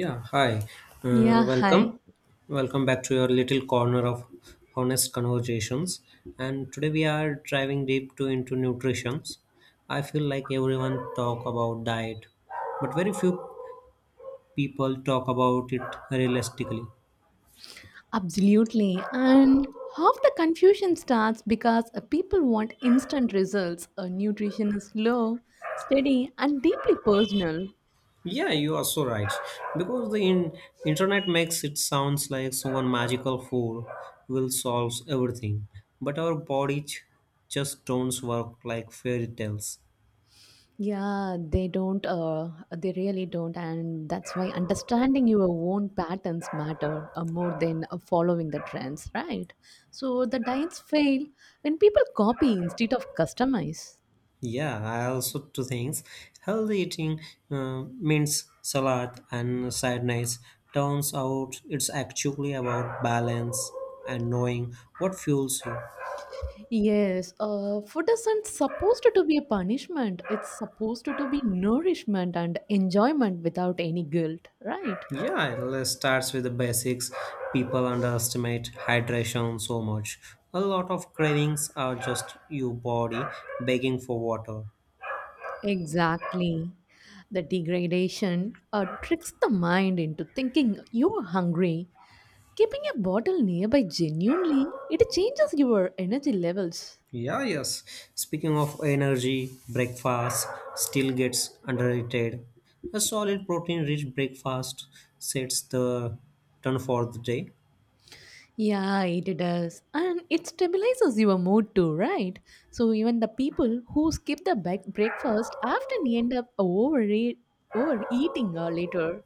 Yeah, hi. Uh, Yeah, hi. welcome. Welcome back to your little corner of honest conversations. And today we are driving deep to into nutrition. I feel like everyone talk about diet, but very few people talk about it realistically. Absolutely. And half the confusion starts because people want instant results. Nutrition is slow, steady, and deeply personal. Yeah, you are so right. Because the internet makes it sounds like someone magical fool will solve everything, but our body just don't work like fairy tales. Yeah, they don't, they really don't. And that's why understanding your own patterns matter more than following the trends, right? So the diets fail when people copy instead of customize. Yeah, I also two things. Healthy eating means salad and side nights. Turns out it's actually about balance and knowing what fuels you. Yes, food isn't supposed to be a punishment. It's supposed to be nourishment and enjoyment without any guilt, right? Yeah, it starts with the basics. People underestimate hydration so much. A lot of cravings are just your body begging for water. Exactly. The degradation tricks the mind into thinking you're hungry. Keeping a bottle nearby genuinely, it changes your energy levels. Yeah, yes. Speaking of energy, breakfast still gets underrated. A solid protein rich breakfast sets the tone for the day. Yeah, it does. And it stabilizes your mood too, right? So even the people who skip the breakfast often end up overeating later.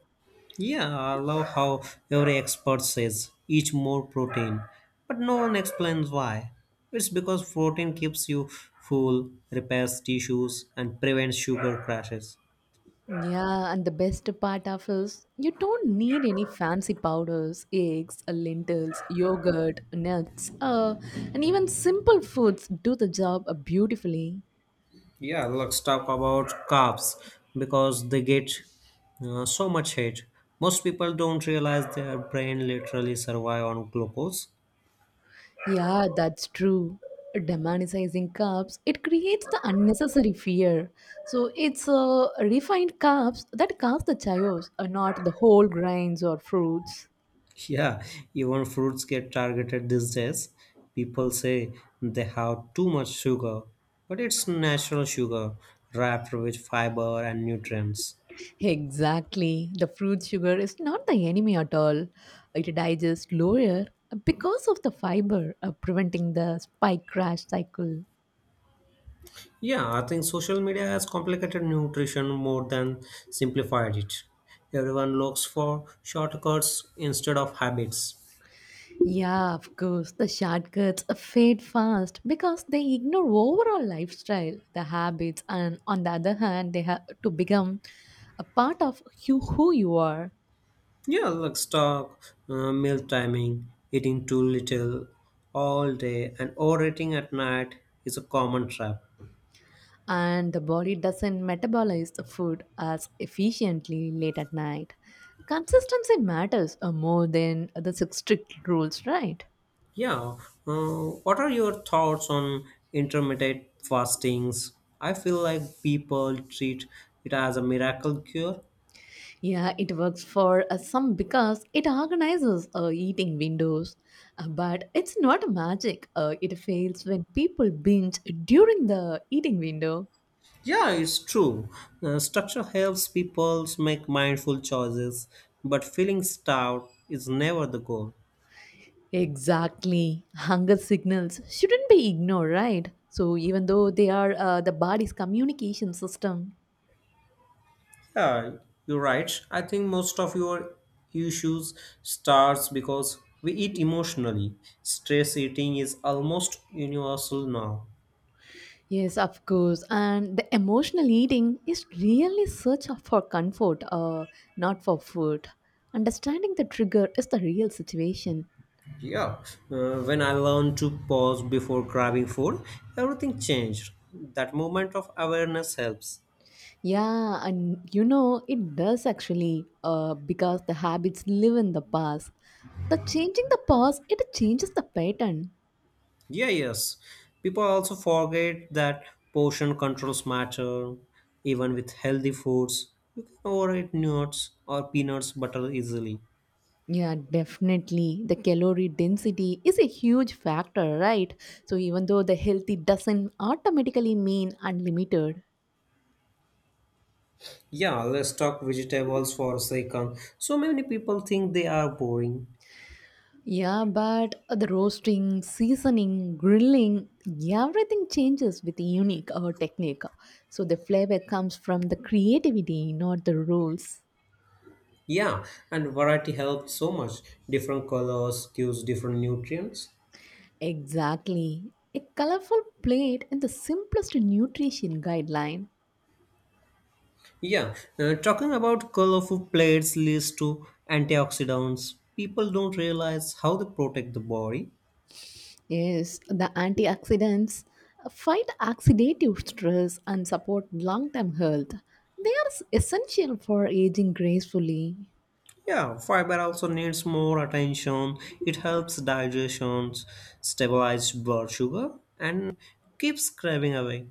Yeah, I love how every expert says eat more protein, but no one explains why. It's because protein keeps you full, repairs tissues, and prevents sugar crashes. Yeah, and the best part of is you don't need any fancy powders, eggs, lentils, yogurt, nuts, and even simple foods do the job beautifully. Yeah, let's talk about carbs because they get so much hate. Most people don't realize their brain literally survive on glucose. Yeah, that's true. Demonizing carbs, it creates the unnecessary fear. So it's refined carbs that cause the chaos, not the whole grains or fruits. Yeah, even fruits get targeted these days. People say they have too much sugar, but it's natural sugar wrapped with fiber and nutrients. Exactly. The fruit sugar is not the enemy at all. It digests lower because of the fiber, preventing the spike crash cycle. Yeah, I think social media has complicated nutrition more than simplified it. Everyone looks for shortcuts instead of habits. Yeah, of course. The shortcuts fade fast because they ignore overall lifestyle, the habits, and on the other hand, they have to become a part of you, who you are. Yeah, like stock, meal timing, eating too little all day, and overeating at night is a common trap. And the body doesn't metabolize the food as efficiently late at night. Consistency matters more than the strict rules, right? Yeah, uh, what are your thoughts on intermittent fastings? I feel like people treat it as a miracle cure. Yeah, it works for some because it organizes eating windows, but it's not magic. It fails when people binge during the eating window. Yeah, it's true. Structure helps people make mindful choices, but feeling starved is never the goal. Exactly. Hunger signals shouldn't be ignored, right? So, even though they are the body's communication system. Yeah, you're right. I think most of your issues starts because we eat emotionally. Stress eating is almost universal now. Yes, of course. And the emotional eating is really for comfort, not for food. Understanding the trigger is the real situation. Yeah, when I learned to pause before grabbing food, everything changed. That moment of awareness helps. Yeah, and you know, it does actually, because the habits live in the past. The changing the past, it changes the pattern. Yeah, yes. People also forget that portion controls matter. Even with healthy foods, you can overeat nuts or peanuts butter easily. Yeah, definitely. The calorie density is a huge factor, right? So even though the healthy doesn't automatically mean unlimited. Yeah, let's talk vegetables for a second. So many people think they are boring. Yeah, but the roasting, seasoning, grilling, everything changes with a unique technique. So the flavor comes from the creativity, not the rules. Yeah, and variety helps so much. Different colors gives different nutrients. Exactly. A colorful plate and the simplest nutrition guideline Yeah, talking about colorful plates leads to antioxidants. People don't realize how they protect the body. is the antioxidants fight oxidative stress and support long-term health. They are essential for aging gracefully. Yeah, fiber also needs more attention. It helps digestion, stabilize blood sugar, and keeps craving away.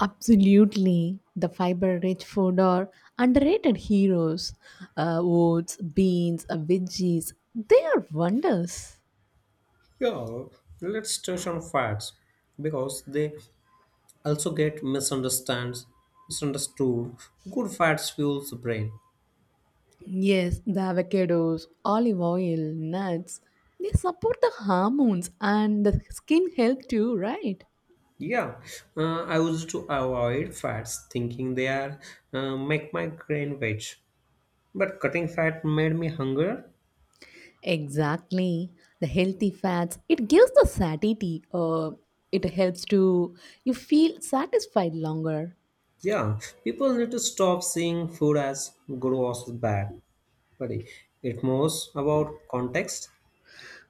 Absolutely. The fiber-rich food are underrated heroes. Oats, beans, veggies, they are wonders. Yeah, let's touch on facts because they also get misunderstands misunderstood. Good fats fuels the brain. Yes, the avocados, olive oil, nuts, they support the hormones and the skin health too, right? Yeah, I used to avoid fats thinking they are make my brain rich, but cutting fat made me hunger. Exactly. The healthy fats, it gives the satiety. It helps to you feel satisfied longer. Yeah, people need to stop seeing food as good or bad, but it most about context.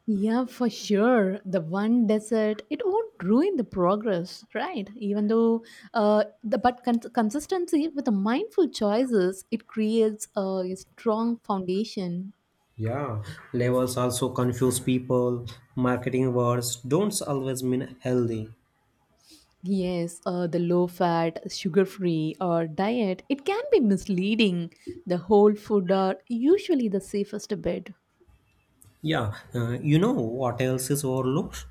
Yeah, for sure. The one dessert, it won't ruin the progress, right? Even though the but consistency with the mindful choices, it creates a strong foundation. Yeah, labels also confuse people. Marketing words don't always mean healthy. Yes, the low fat, sugar free or diet, it can be misleading. The whole food are usually the safest bet. Yeah, you know what else is overlooked?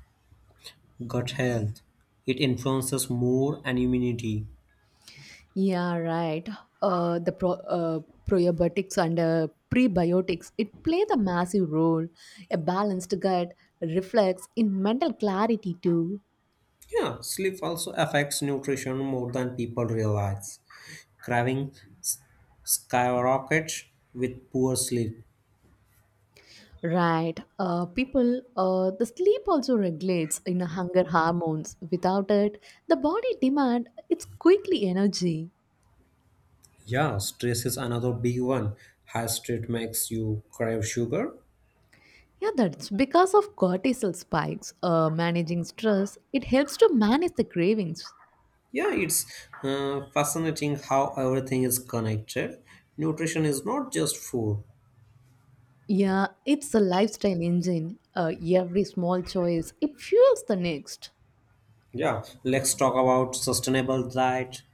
Gut health. It influences mood and immunity. Yeah, right. Uh, the pro- uh, probiotics and prebiotics, it play the massive role. A balanced gut reflects in mental clarity too. Yeah, sleep also affects nutrition more than people realize. Craving s- skyrockets with poor sleep. Right. The sleep also regulates in hunger hormones. Without it, the body demand it's quickly energy. Yeah, stress is another big one. High stress makes you crave sugar. Yeah, that's because of cortisol spikes. Managing stress, it helps to manage the cravings. Yeah, it's fascinating how everything is connected. Nutrition is not just food. Yeah, it's a lifestyle engine. Every small choice, it fuels the next. Yeah, let's talk about sustainable diet.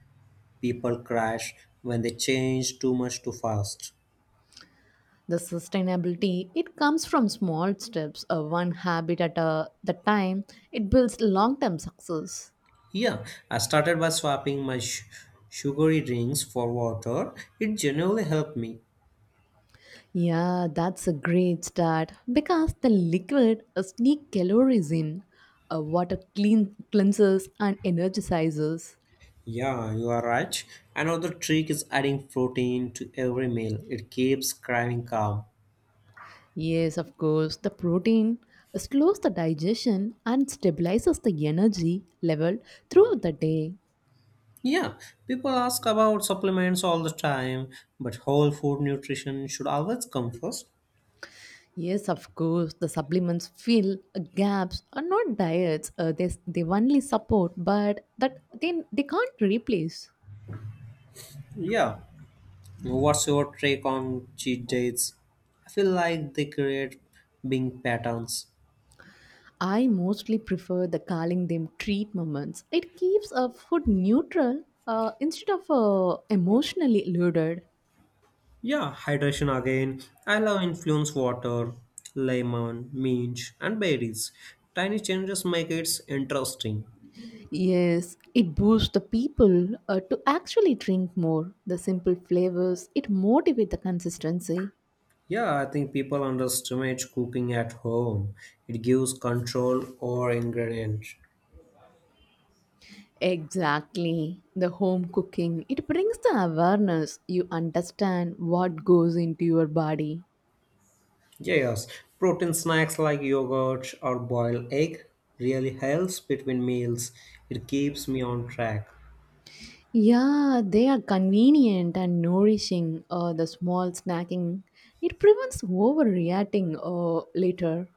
People crash when they change too much too fast. The sustainability, it comes from small steps, one habit at a the time. It builds long-term success. Yeah, I started by swapping my sugary drinks for water. It genuinely helped me. Yeah, that's a great start because the liquid sneak calories in. Water clean cleanses and energizes. Yeah, you are right. Another trick is adding protein to every meal. It keeps craving calm. Yes, of course. The protein slows the digestion and stabilizes the energy level throughout the day. Yeah, people ask about supplements all the time, but whole food nutrition should always come first. Yes, of course. The supplements fill gaps are not diets. They, only support, but that they, can't replace. Yeah, what's your take on cheat days? I feel like they create being patterns. I mostly prefer the calling them treat moments. It keeps a food neutral instead of emotionally loaded. Yeah, hydration again. I love influence water, lemon, mint, and berries. Tiny changes make it interesting. Yes, it boosts the people to actually drink more. The simple flavors, it motivates the consistency. Yeah, I think people underestimate cooking at home. It gives control over ingredient. Exactly. The home cooking, it brings the awareness. You understand what goes into your body. Yes, protein snacks like yogurt or boiled egg really helps between meals. It keeps me on track. Yeah, they are convenient and nourishing. The small snacking, it prevents overreacting later.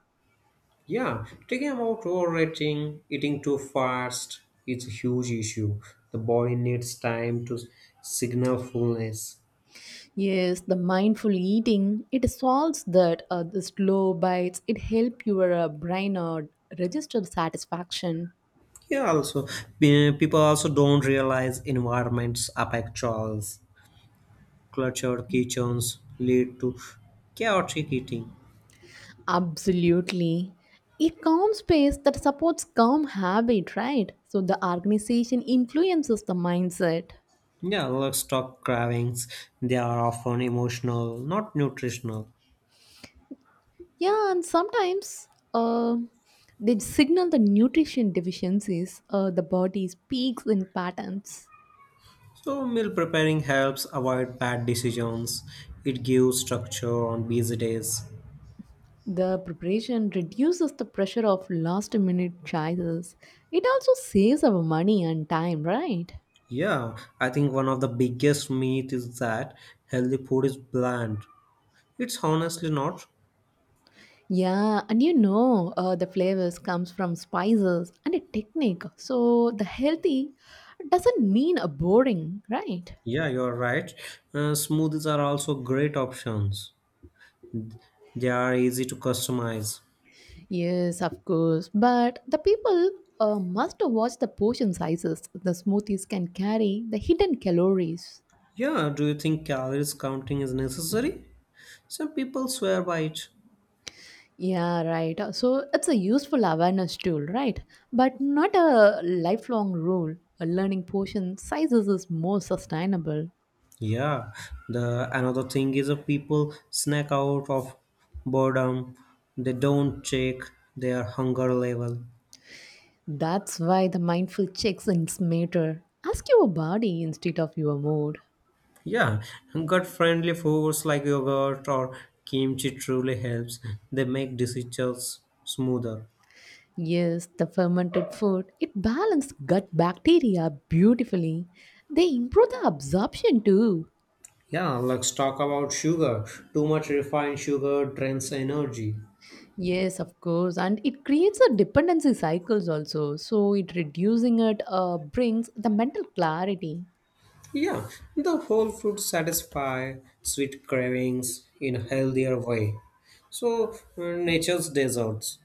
Yeah, talking about overeating, eating too fast, it's a huge issue. The body needs time to signal fullness. Yes, the mindful eating, it solves that the slow bites, it help your brain register satisfaction. Yeah, also, people also don't realize environments affect choice. Cluttered kitchens lead to chaotic eating. Absolutely. It calm space that supports calm habit, right? So the organization influences the mindset. Yeah, livestock cravings, they are often emotional, not nutritional. Yeah, and sometimes they signal the nutrition deficiencies. The body speaks in patterns. So meal preparing helps avoid bad decisions. It gives structure on busy days. The preparation reduces the pressure of last minute choices. It also saves our money and time, right? Yeah, I think one of the biggest myth is that healthy food is bland. It's honestly not. Yeah, and you know the flavors comes from spices and a technique. So the healthy doesn't mean a boring, right? Yeah, you're right. Smoothies are also great options. They are easy to customize. Yes, of course. But the people must watch the portion sizes. The smoothies can carry the hidden calories. Yeah, do you think calories counting is necessary? Some people swear by it. Yeah, right. So it's a useful awareness tool, right? But not a lifelong rule. A learning portion sizes is more sustainable. Yeah, the another thing is if people snack out of boredom, they don't check their hunger level. That's why the mindful checks ins matter. Ask your body instead of your mood. Yeah, gut friendly foods like yogurt or kimchi truly helps. They make decisions smoother. Yes, the fermented food, it balances gut bacteria beautifully. They improve the absorption too. Yeah, let's talk about sugar. Too much refined sugar drains energy. Yes, of course, and it creates a dependency cycles also. So it reducing it brings the mental clarity. Yeah, the whole fruits satisfy sweet cravings in a healthier way. So, nature's desserts.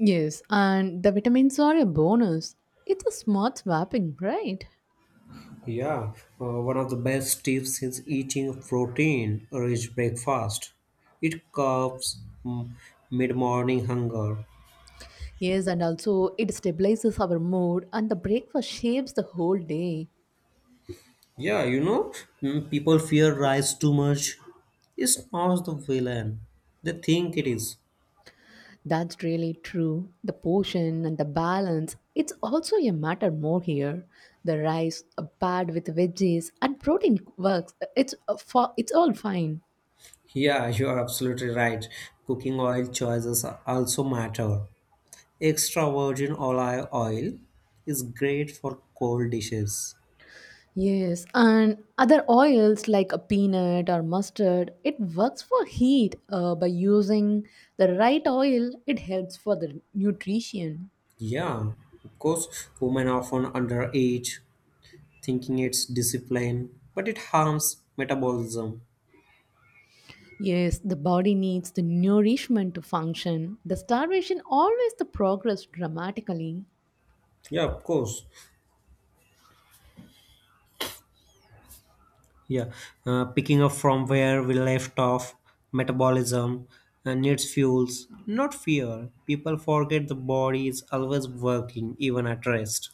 Yes, and the vitamins are a bonus. It's a smart swapping, right? Yeah, one of the best tips is eating protein-rich breakfast. It curbs mm, mid-morning hunger. Yes, and also it stabilizes our mood and the breakfast shapes the whole day. Yeah, people fear rice too much. It's not the villain. They think it is. That's really true. The portion and the balance, it's also a matter more here. The rice paired with veggies and protein works. It's for it's all fine. Yeah, you are absolutely right. Cooking oil choices also matter. Extra virgin olive oil is great for cold dishes. Yes, and other oils like a peanut or mustard, it works for heat. By using the right oil, it helps for the nutrition. Yeah, of course, women often underage thinking it's discipline, but it harms metabolism. Yes, the body needs the nourishment to function. The starvation always the progress dramatically. Yeah, of course. Yeah, picking up from where we left off, metabolism needs fuels, not fear. People forget the body is always working, even at rest.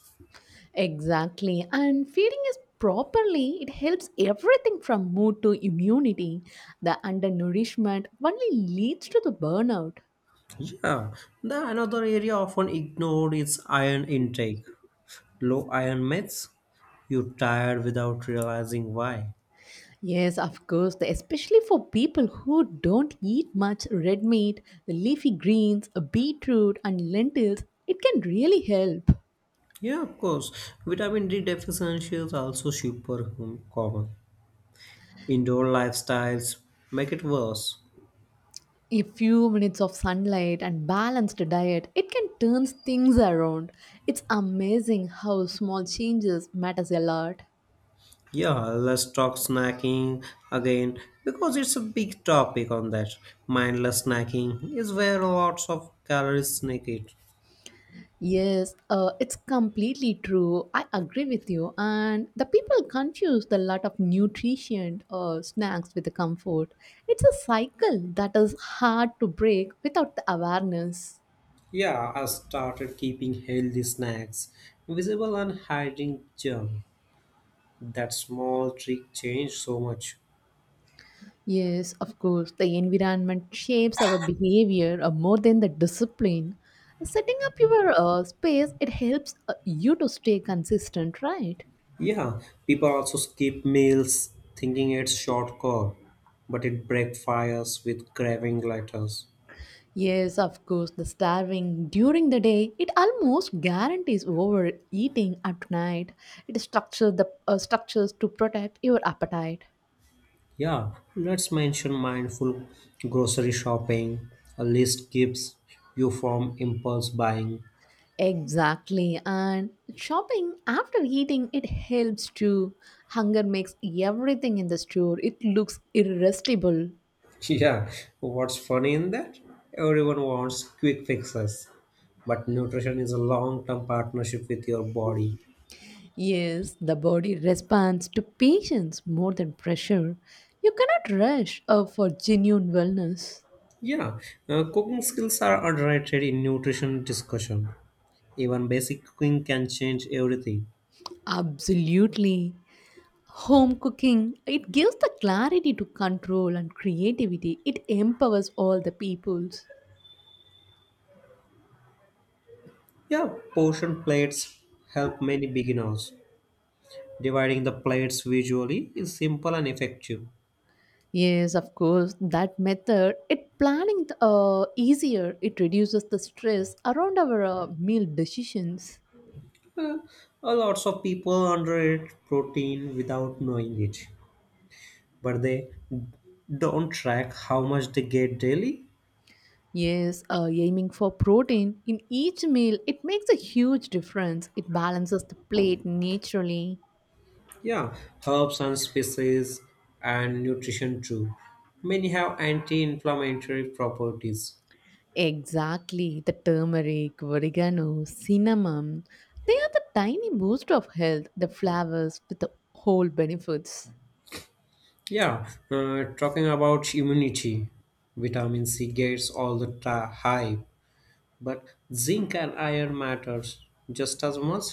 Exactly, and feeding is properly, it helps everything from mood to immunity. The undernourishment only leads to the burnout. Yeah, the another area often ignored is iron intake. Low iron myths, you tired without realizing why. Yes, of course. The- Especially for people who don't eat much red meat, the leafy greens, a beetroot, and lentils, it can really help. Yeah, of course. Vitamin D deficiency is also super common. Indoor lifestyles make it worse. A few minutes of sunlight and balanced diet, it can turn things around. It's amazing how small changes matters a lot. Yeah, let's talk snacking again because it's a big topic on that. Mindless snacking is where lots of calories sneak it. Yes, it's completely true. I agree with you. And the people confuse the lot of nutrition or snacks with the comfort. It's a cycle that is hard to break without the awareness. Yeah, I started keeping healthy snacks visible and hiding junk. That small trick changed so much. Yes, of course, the environment shapes our behavior more than the discipline. Setting up your space, it helps you to stay consistent, right? Yeah, people also skip meals thinking it's shortcut, but it breaks fires with craving letters. Yes, of course, the starving during the day, it almost guarantees overeating at night. It structures the structures to protect your appetite. Yeah, let's mention mindful grocery shopping. A list keeps you from impulse buying. Exactly, and shopping after eating it helps too. Hunger makes everything in the store. It looks irresistible. Yeah, what's funny in that? Everyone wants quick fixes, but nutrition is a long term partnership with your body. Yes, the body responds to patience more than pressure. You cannot rush for genuine wellness. Yeah, cooking skills are underrated in nutrition discussion. Even basic cooking can change everything. Absolutely. Home cooking, it gives the clarity to control and creativity. It empowers all the peoples. Yeah, portion plates help many beginners. Dividing the plates visually is simple and effective. Yes, of course, that method, it planning easier. It reduces the stress around our meal decisions. Uh, Lots of people underrate protein without knowing it, but they don't track how much they get daily. Yes, aiming for protein in each meal, it makes a huge difference. It balances the plate naturally. Yeah, herbs and spices and nutrition too. Many have anti inflammatory properties. Exactly. The turmeric, oregano, cinnamon, they are the tiny boost of health, the flavors with the whole benefits. Yeah, talking about immunity, vitamin C gets all the hype, but zinc and iron matters just as much.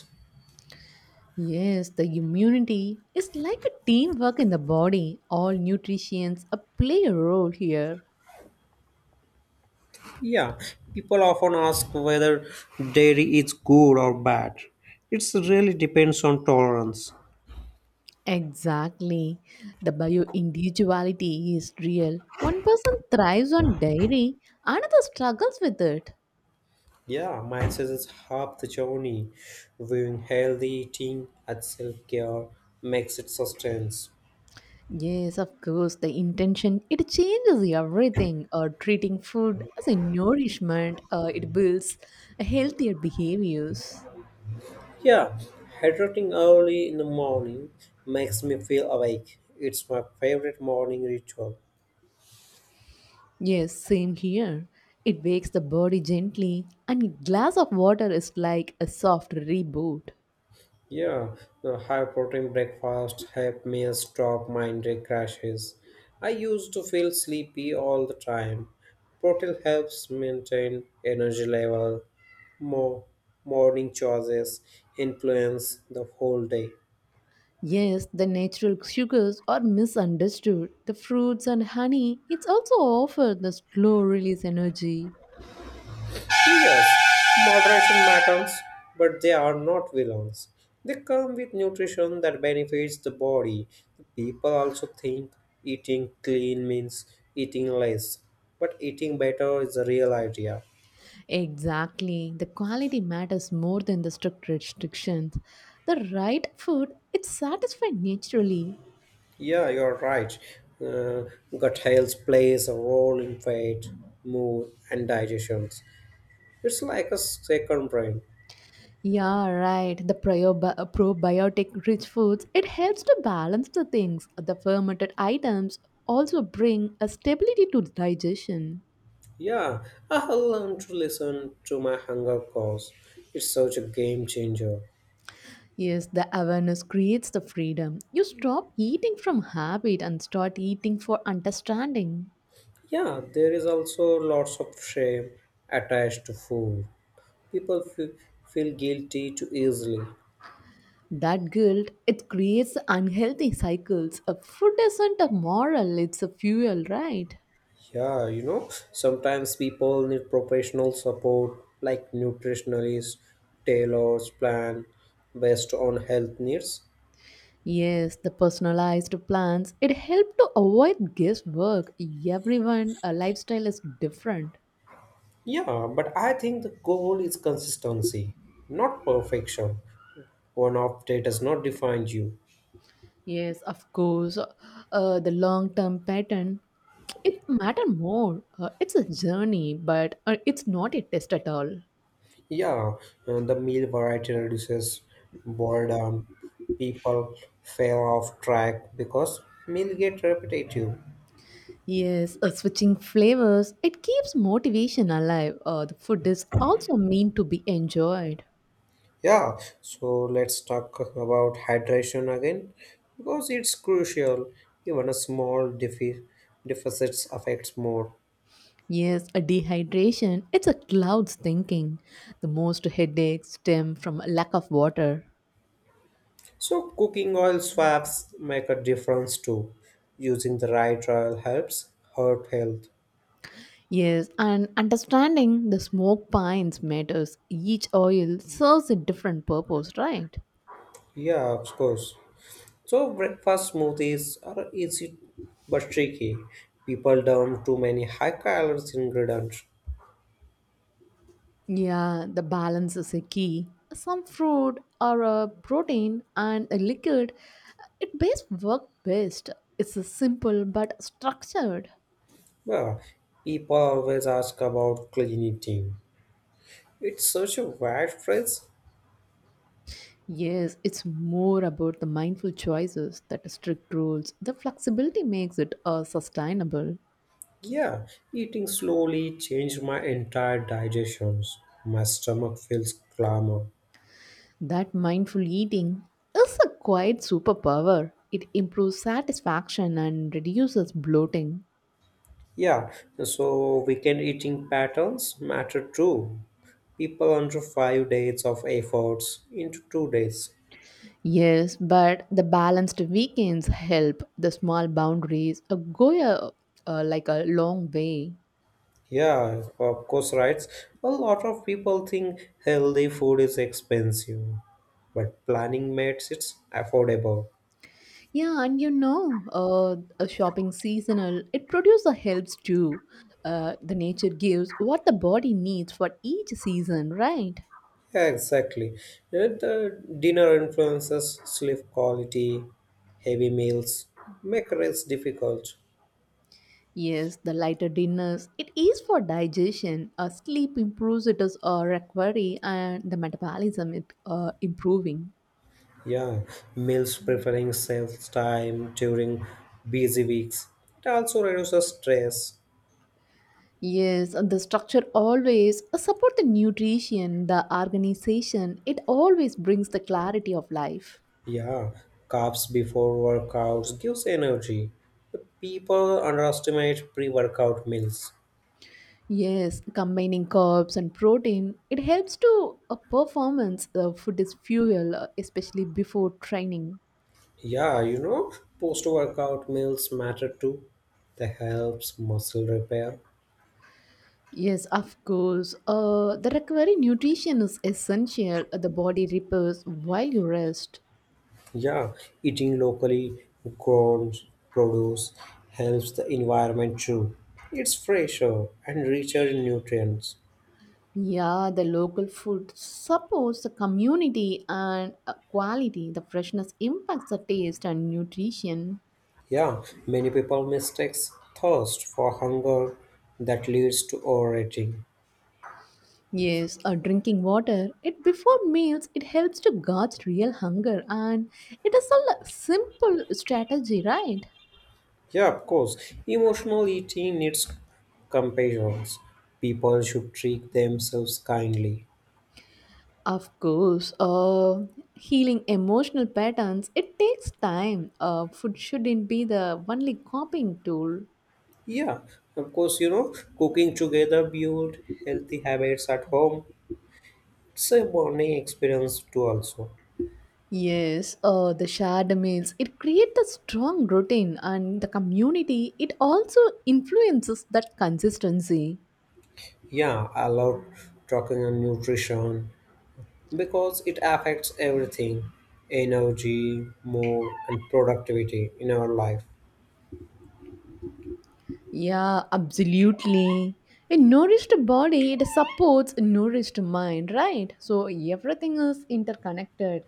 Yes, the immunity is like a teamwork in the body. All nutrients play a role here. Yeah, people often ask whether dairy is good or bad. It really depends on tolerance. Exactly. The bio individuality is real. One person thrives on dairy, another struggles with it. Yeah, mindset is half the journey. Viewing healthy eating as self care makes it sustains. Yes, of course, the intention it changes everything. Treating food as a nourishment, it builds healthier behaviors. Yeah, hydrating early in the morning makes me feel awake. It's my favorite morning ritual. Yes, same here. It wakes the body gently, and a glass of water is like a soft reboot. Yeah, the high protein breakfast helped me stop migraine crashes. I used to feel sleepy all the time. Protein helps maintain energy level. More morning choices influence the whole day. Yes, the natural sugars are misunderstood. The fruits and honey, it's also offer the slow release energy. Yes, moderation matters, but they are not villains. They come with nutrition that benefits the body. People also think eating clean means eating less, but eating better is the real idea. Exactly. The quality matters more than the strict restrictions. The right food, it's satisfied naturally. Yeah, you're right. Uh, Gut health plays a role in weight, mood, and digestion. It's like a second brain. Yeah, right. The probiotic rich foods, it helps to balance the things. The fermented items also bring a stability to the digestion. Yeah, I have learned to listen to my hunger calls. It's such a game changer. Yes, the awareness creates the freedom. You stop eating from habit and start eating for understanding. Yeah, there is also lots of shame attached to food. People feel guilty too easily. That guilt, it creates unhealthy cycles. A food isn't a moral, it's a fuel, right? Yeah, sometimes people need professional support like nutritionists, tailors, plan based on health needs. Yes, the personalized plans, it helped to avoid guesswork. Everyone, a lifestyle is different. Yeah, but I think the goal is consistency, not perfection. One update does not define you. Yes, of course. The long-term pattern, it matter more. It's a journey, but it's not a test at all. Yeah, the meal variety reduces boredom. People fail off track because meal get repetitive. Yes, switching flavors, it keeps motivation alive. The food is also meant to be enjoyed. Yeah, so let's talk about hydration again because it's crucial. Even a small deficits affects more. Yes, a dehydration, it's a cloud's thinking. The most headaches stem from a lack of water. So cooking oil swaps make a difference too. Using the right oil helps heart health. Yes, and understanding the smoke pines matters. Each oil serves a different purpose, right? Yeah, of course. So breakfast smoothies are easy but tricky. People dump too many high calories ingredients. Yeah, the balance is a key. Some fruit or a protein and a liquid, it best work best. It's a simple but structured. Yeah, people always ask about clean eating. It's such a wide phrase. Yes, it's more about the mindful choices, that strict rules. The flexibility makes it sustainable. Yeah, eating slowly changed my entire digestions. My stomach feels clamor. That mindful eating is a quite superpower. It improves satisfaction and reduces bloating. Yeah, so weekend eating patterns matter too. People under 5 days of efforts into 2 days. Yes, but the balanced weekends help. The small boundaries like a long way. Yeah, of course, right. A lot of people think healthy food is expensive, but planning makes it affordable. Yeah, and you know, a shopping seasonal, it produces helps too. The nature gives what the body needs for each season, right? Yeah, exactly. The dinner influences sleep quality, heavy meals make rest difficult. Yes, the lighter dinners, it is for digestion. Sleep improves it as a recovery and the metabolism it improving. Yeah, meals preferring self time during busy weeks. It also reduces stress. Yes, and the structure always support the nutrition, the organization. It always brings the clarity of life. Yeah, carbs before workouts gives energy. People underestimate pre-workout meals. Yes, combining carbs and protein, it helps to a performance. Food is fuel, especially before training. Yeah, post-workout meals matter too. That helps muscle repair. Yes, of course. The recovery nutrition is essential. The body repairs while you rest. Yeah, eating locally grown produce helps the environment too. It's fresher and richer in nutrients. Yeah, the local food supports the community and quality. The freshness impacts the taste and nutrition. Yeah, many people mistakes thirst for hunger that leads to overeating. Yes, drinking water. It before meals. It helps to gauge real hunger, and it is a simple strategy, right? Yeah, of course. Emotional eating needs compassion. People should treat themselves kindly. Of course, healing emotional patterns. It takes time. Food shouldn't be the only coping tool. Yeah, of course, cooking together build healthy habits at home. It's a bonding experience too also. Yes, the shared meals. It creates a strong routine, and the community. It also influences that consistency. Yeah, I love talking on nutrition because it affects everything. Energy, mood and productivity in our life. Yeah, absolutely. A nourished body, it supports a nourished mind, right? So everything is interconnected.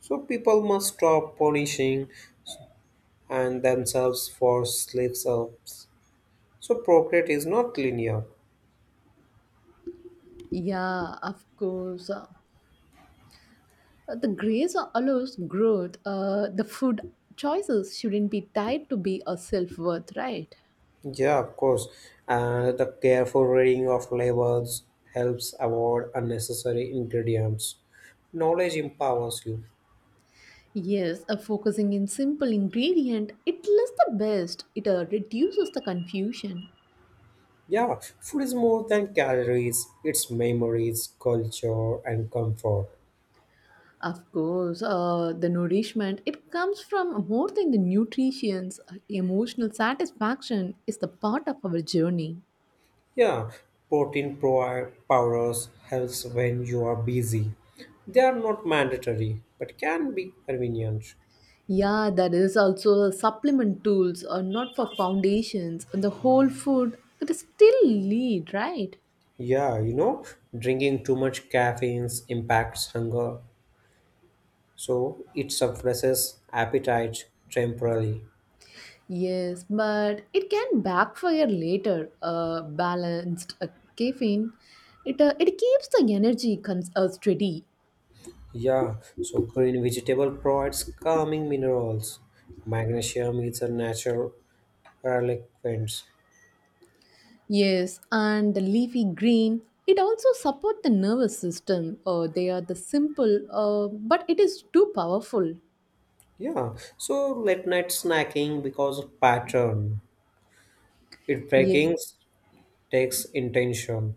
So people must stop punishing and themselves for slips ups. So procreate is not linear. Yeah, of course. The grace allows growth. The food choices shouldn't be tied to be a self worth, right? Yeah, of course. And the careful reading of labels helps avoid unnecessary ingredients. Knowledge empowers you. Yes, focusing in simple ingredient, it lists the best. It reduces the confusion. Yeah, food is more than calories, it's memories, culture, and comfort. Of course, the nourishment it comes from more than the nutrients. Emotional satisfaction is the part of our journey. Yeah, protein provide powders helps when you are busy. They are not mandatory, but can be convenient. Yeah, that is also supplement tools are not for foundations. And the whole food it is still lead, right? Yeah, drinking too much caffeine impacts hunger. So it suppresses appetite temporarily. Yes, but it can backfire later. Balanced caffeine, it keeps the energy steady. Yeah, so green vegetable provides calming minerals. Magnesium is a natural reliquent. Yes, and the leafy green. It also support the nervous system. They are the simple, but it is too powerful. Yeah, so late night snacking because of pattern. It Yeah. breaking takes intention.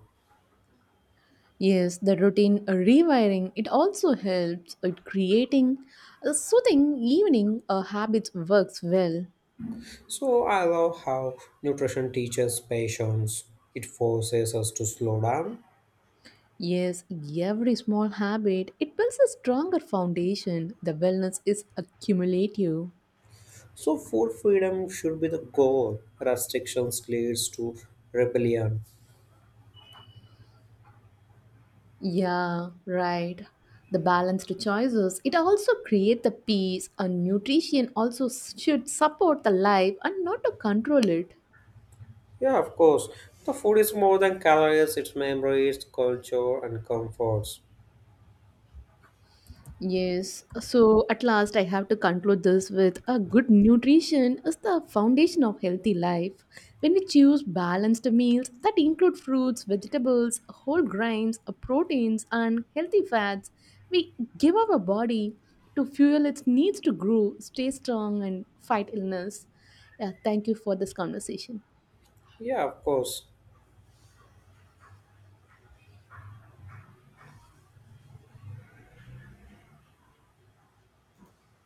Yes, the routine rewiring. It also helps at creating a soothing evening. A habits works well. So I love how nutrition teaches patience. It forces us to slow down. Yes, every small habit it builds a stronger foundation. The wellness is accumulative. So food freedom should be the goal. Restrictions leads to rebellion. Yeah, right. The balanced choices. It also create the peace and nutrition also should support the life and not to control it. Yeah, of course. The food is more than calories, it's memories, culture, and comforts. Yes, so at last I have to conclude this with a good nutrition is the foundation of healthy life. When we choose balanced meals that include fruits, vegetables, whole grains, proteins, and healthy fats, we give our body to fuel its needs to grow, stay strong, and fight illness. Yeah, thank you for this conversation. Yeah, of course.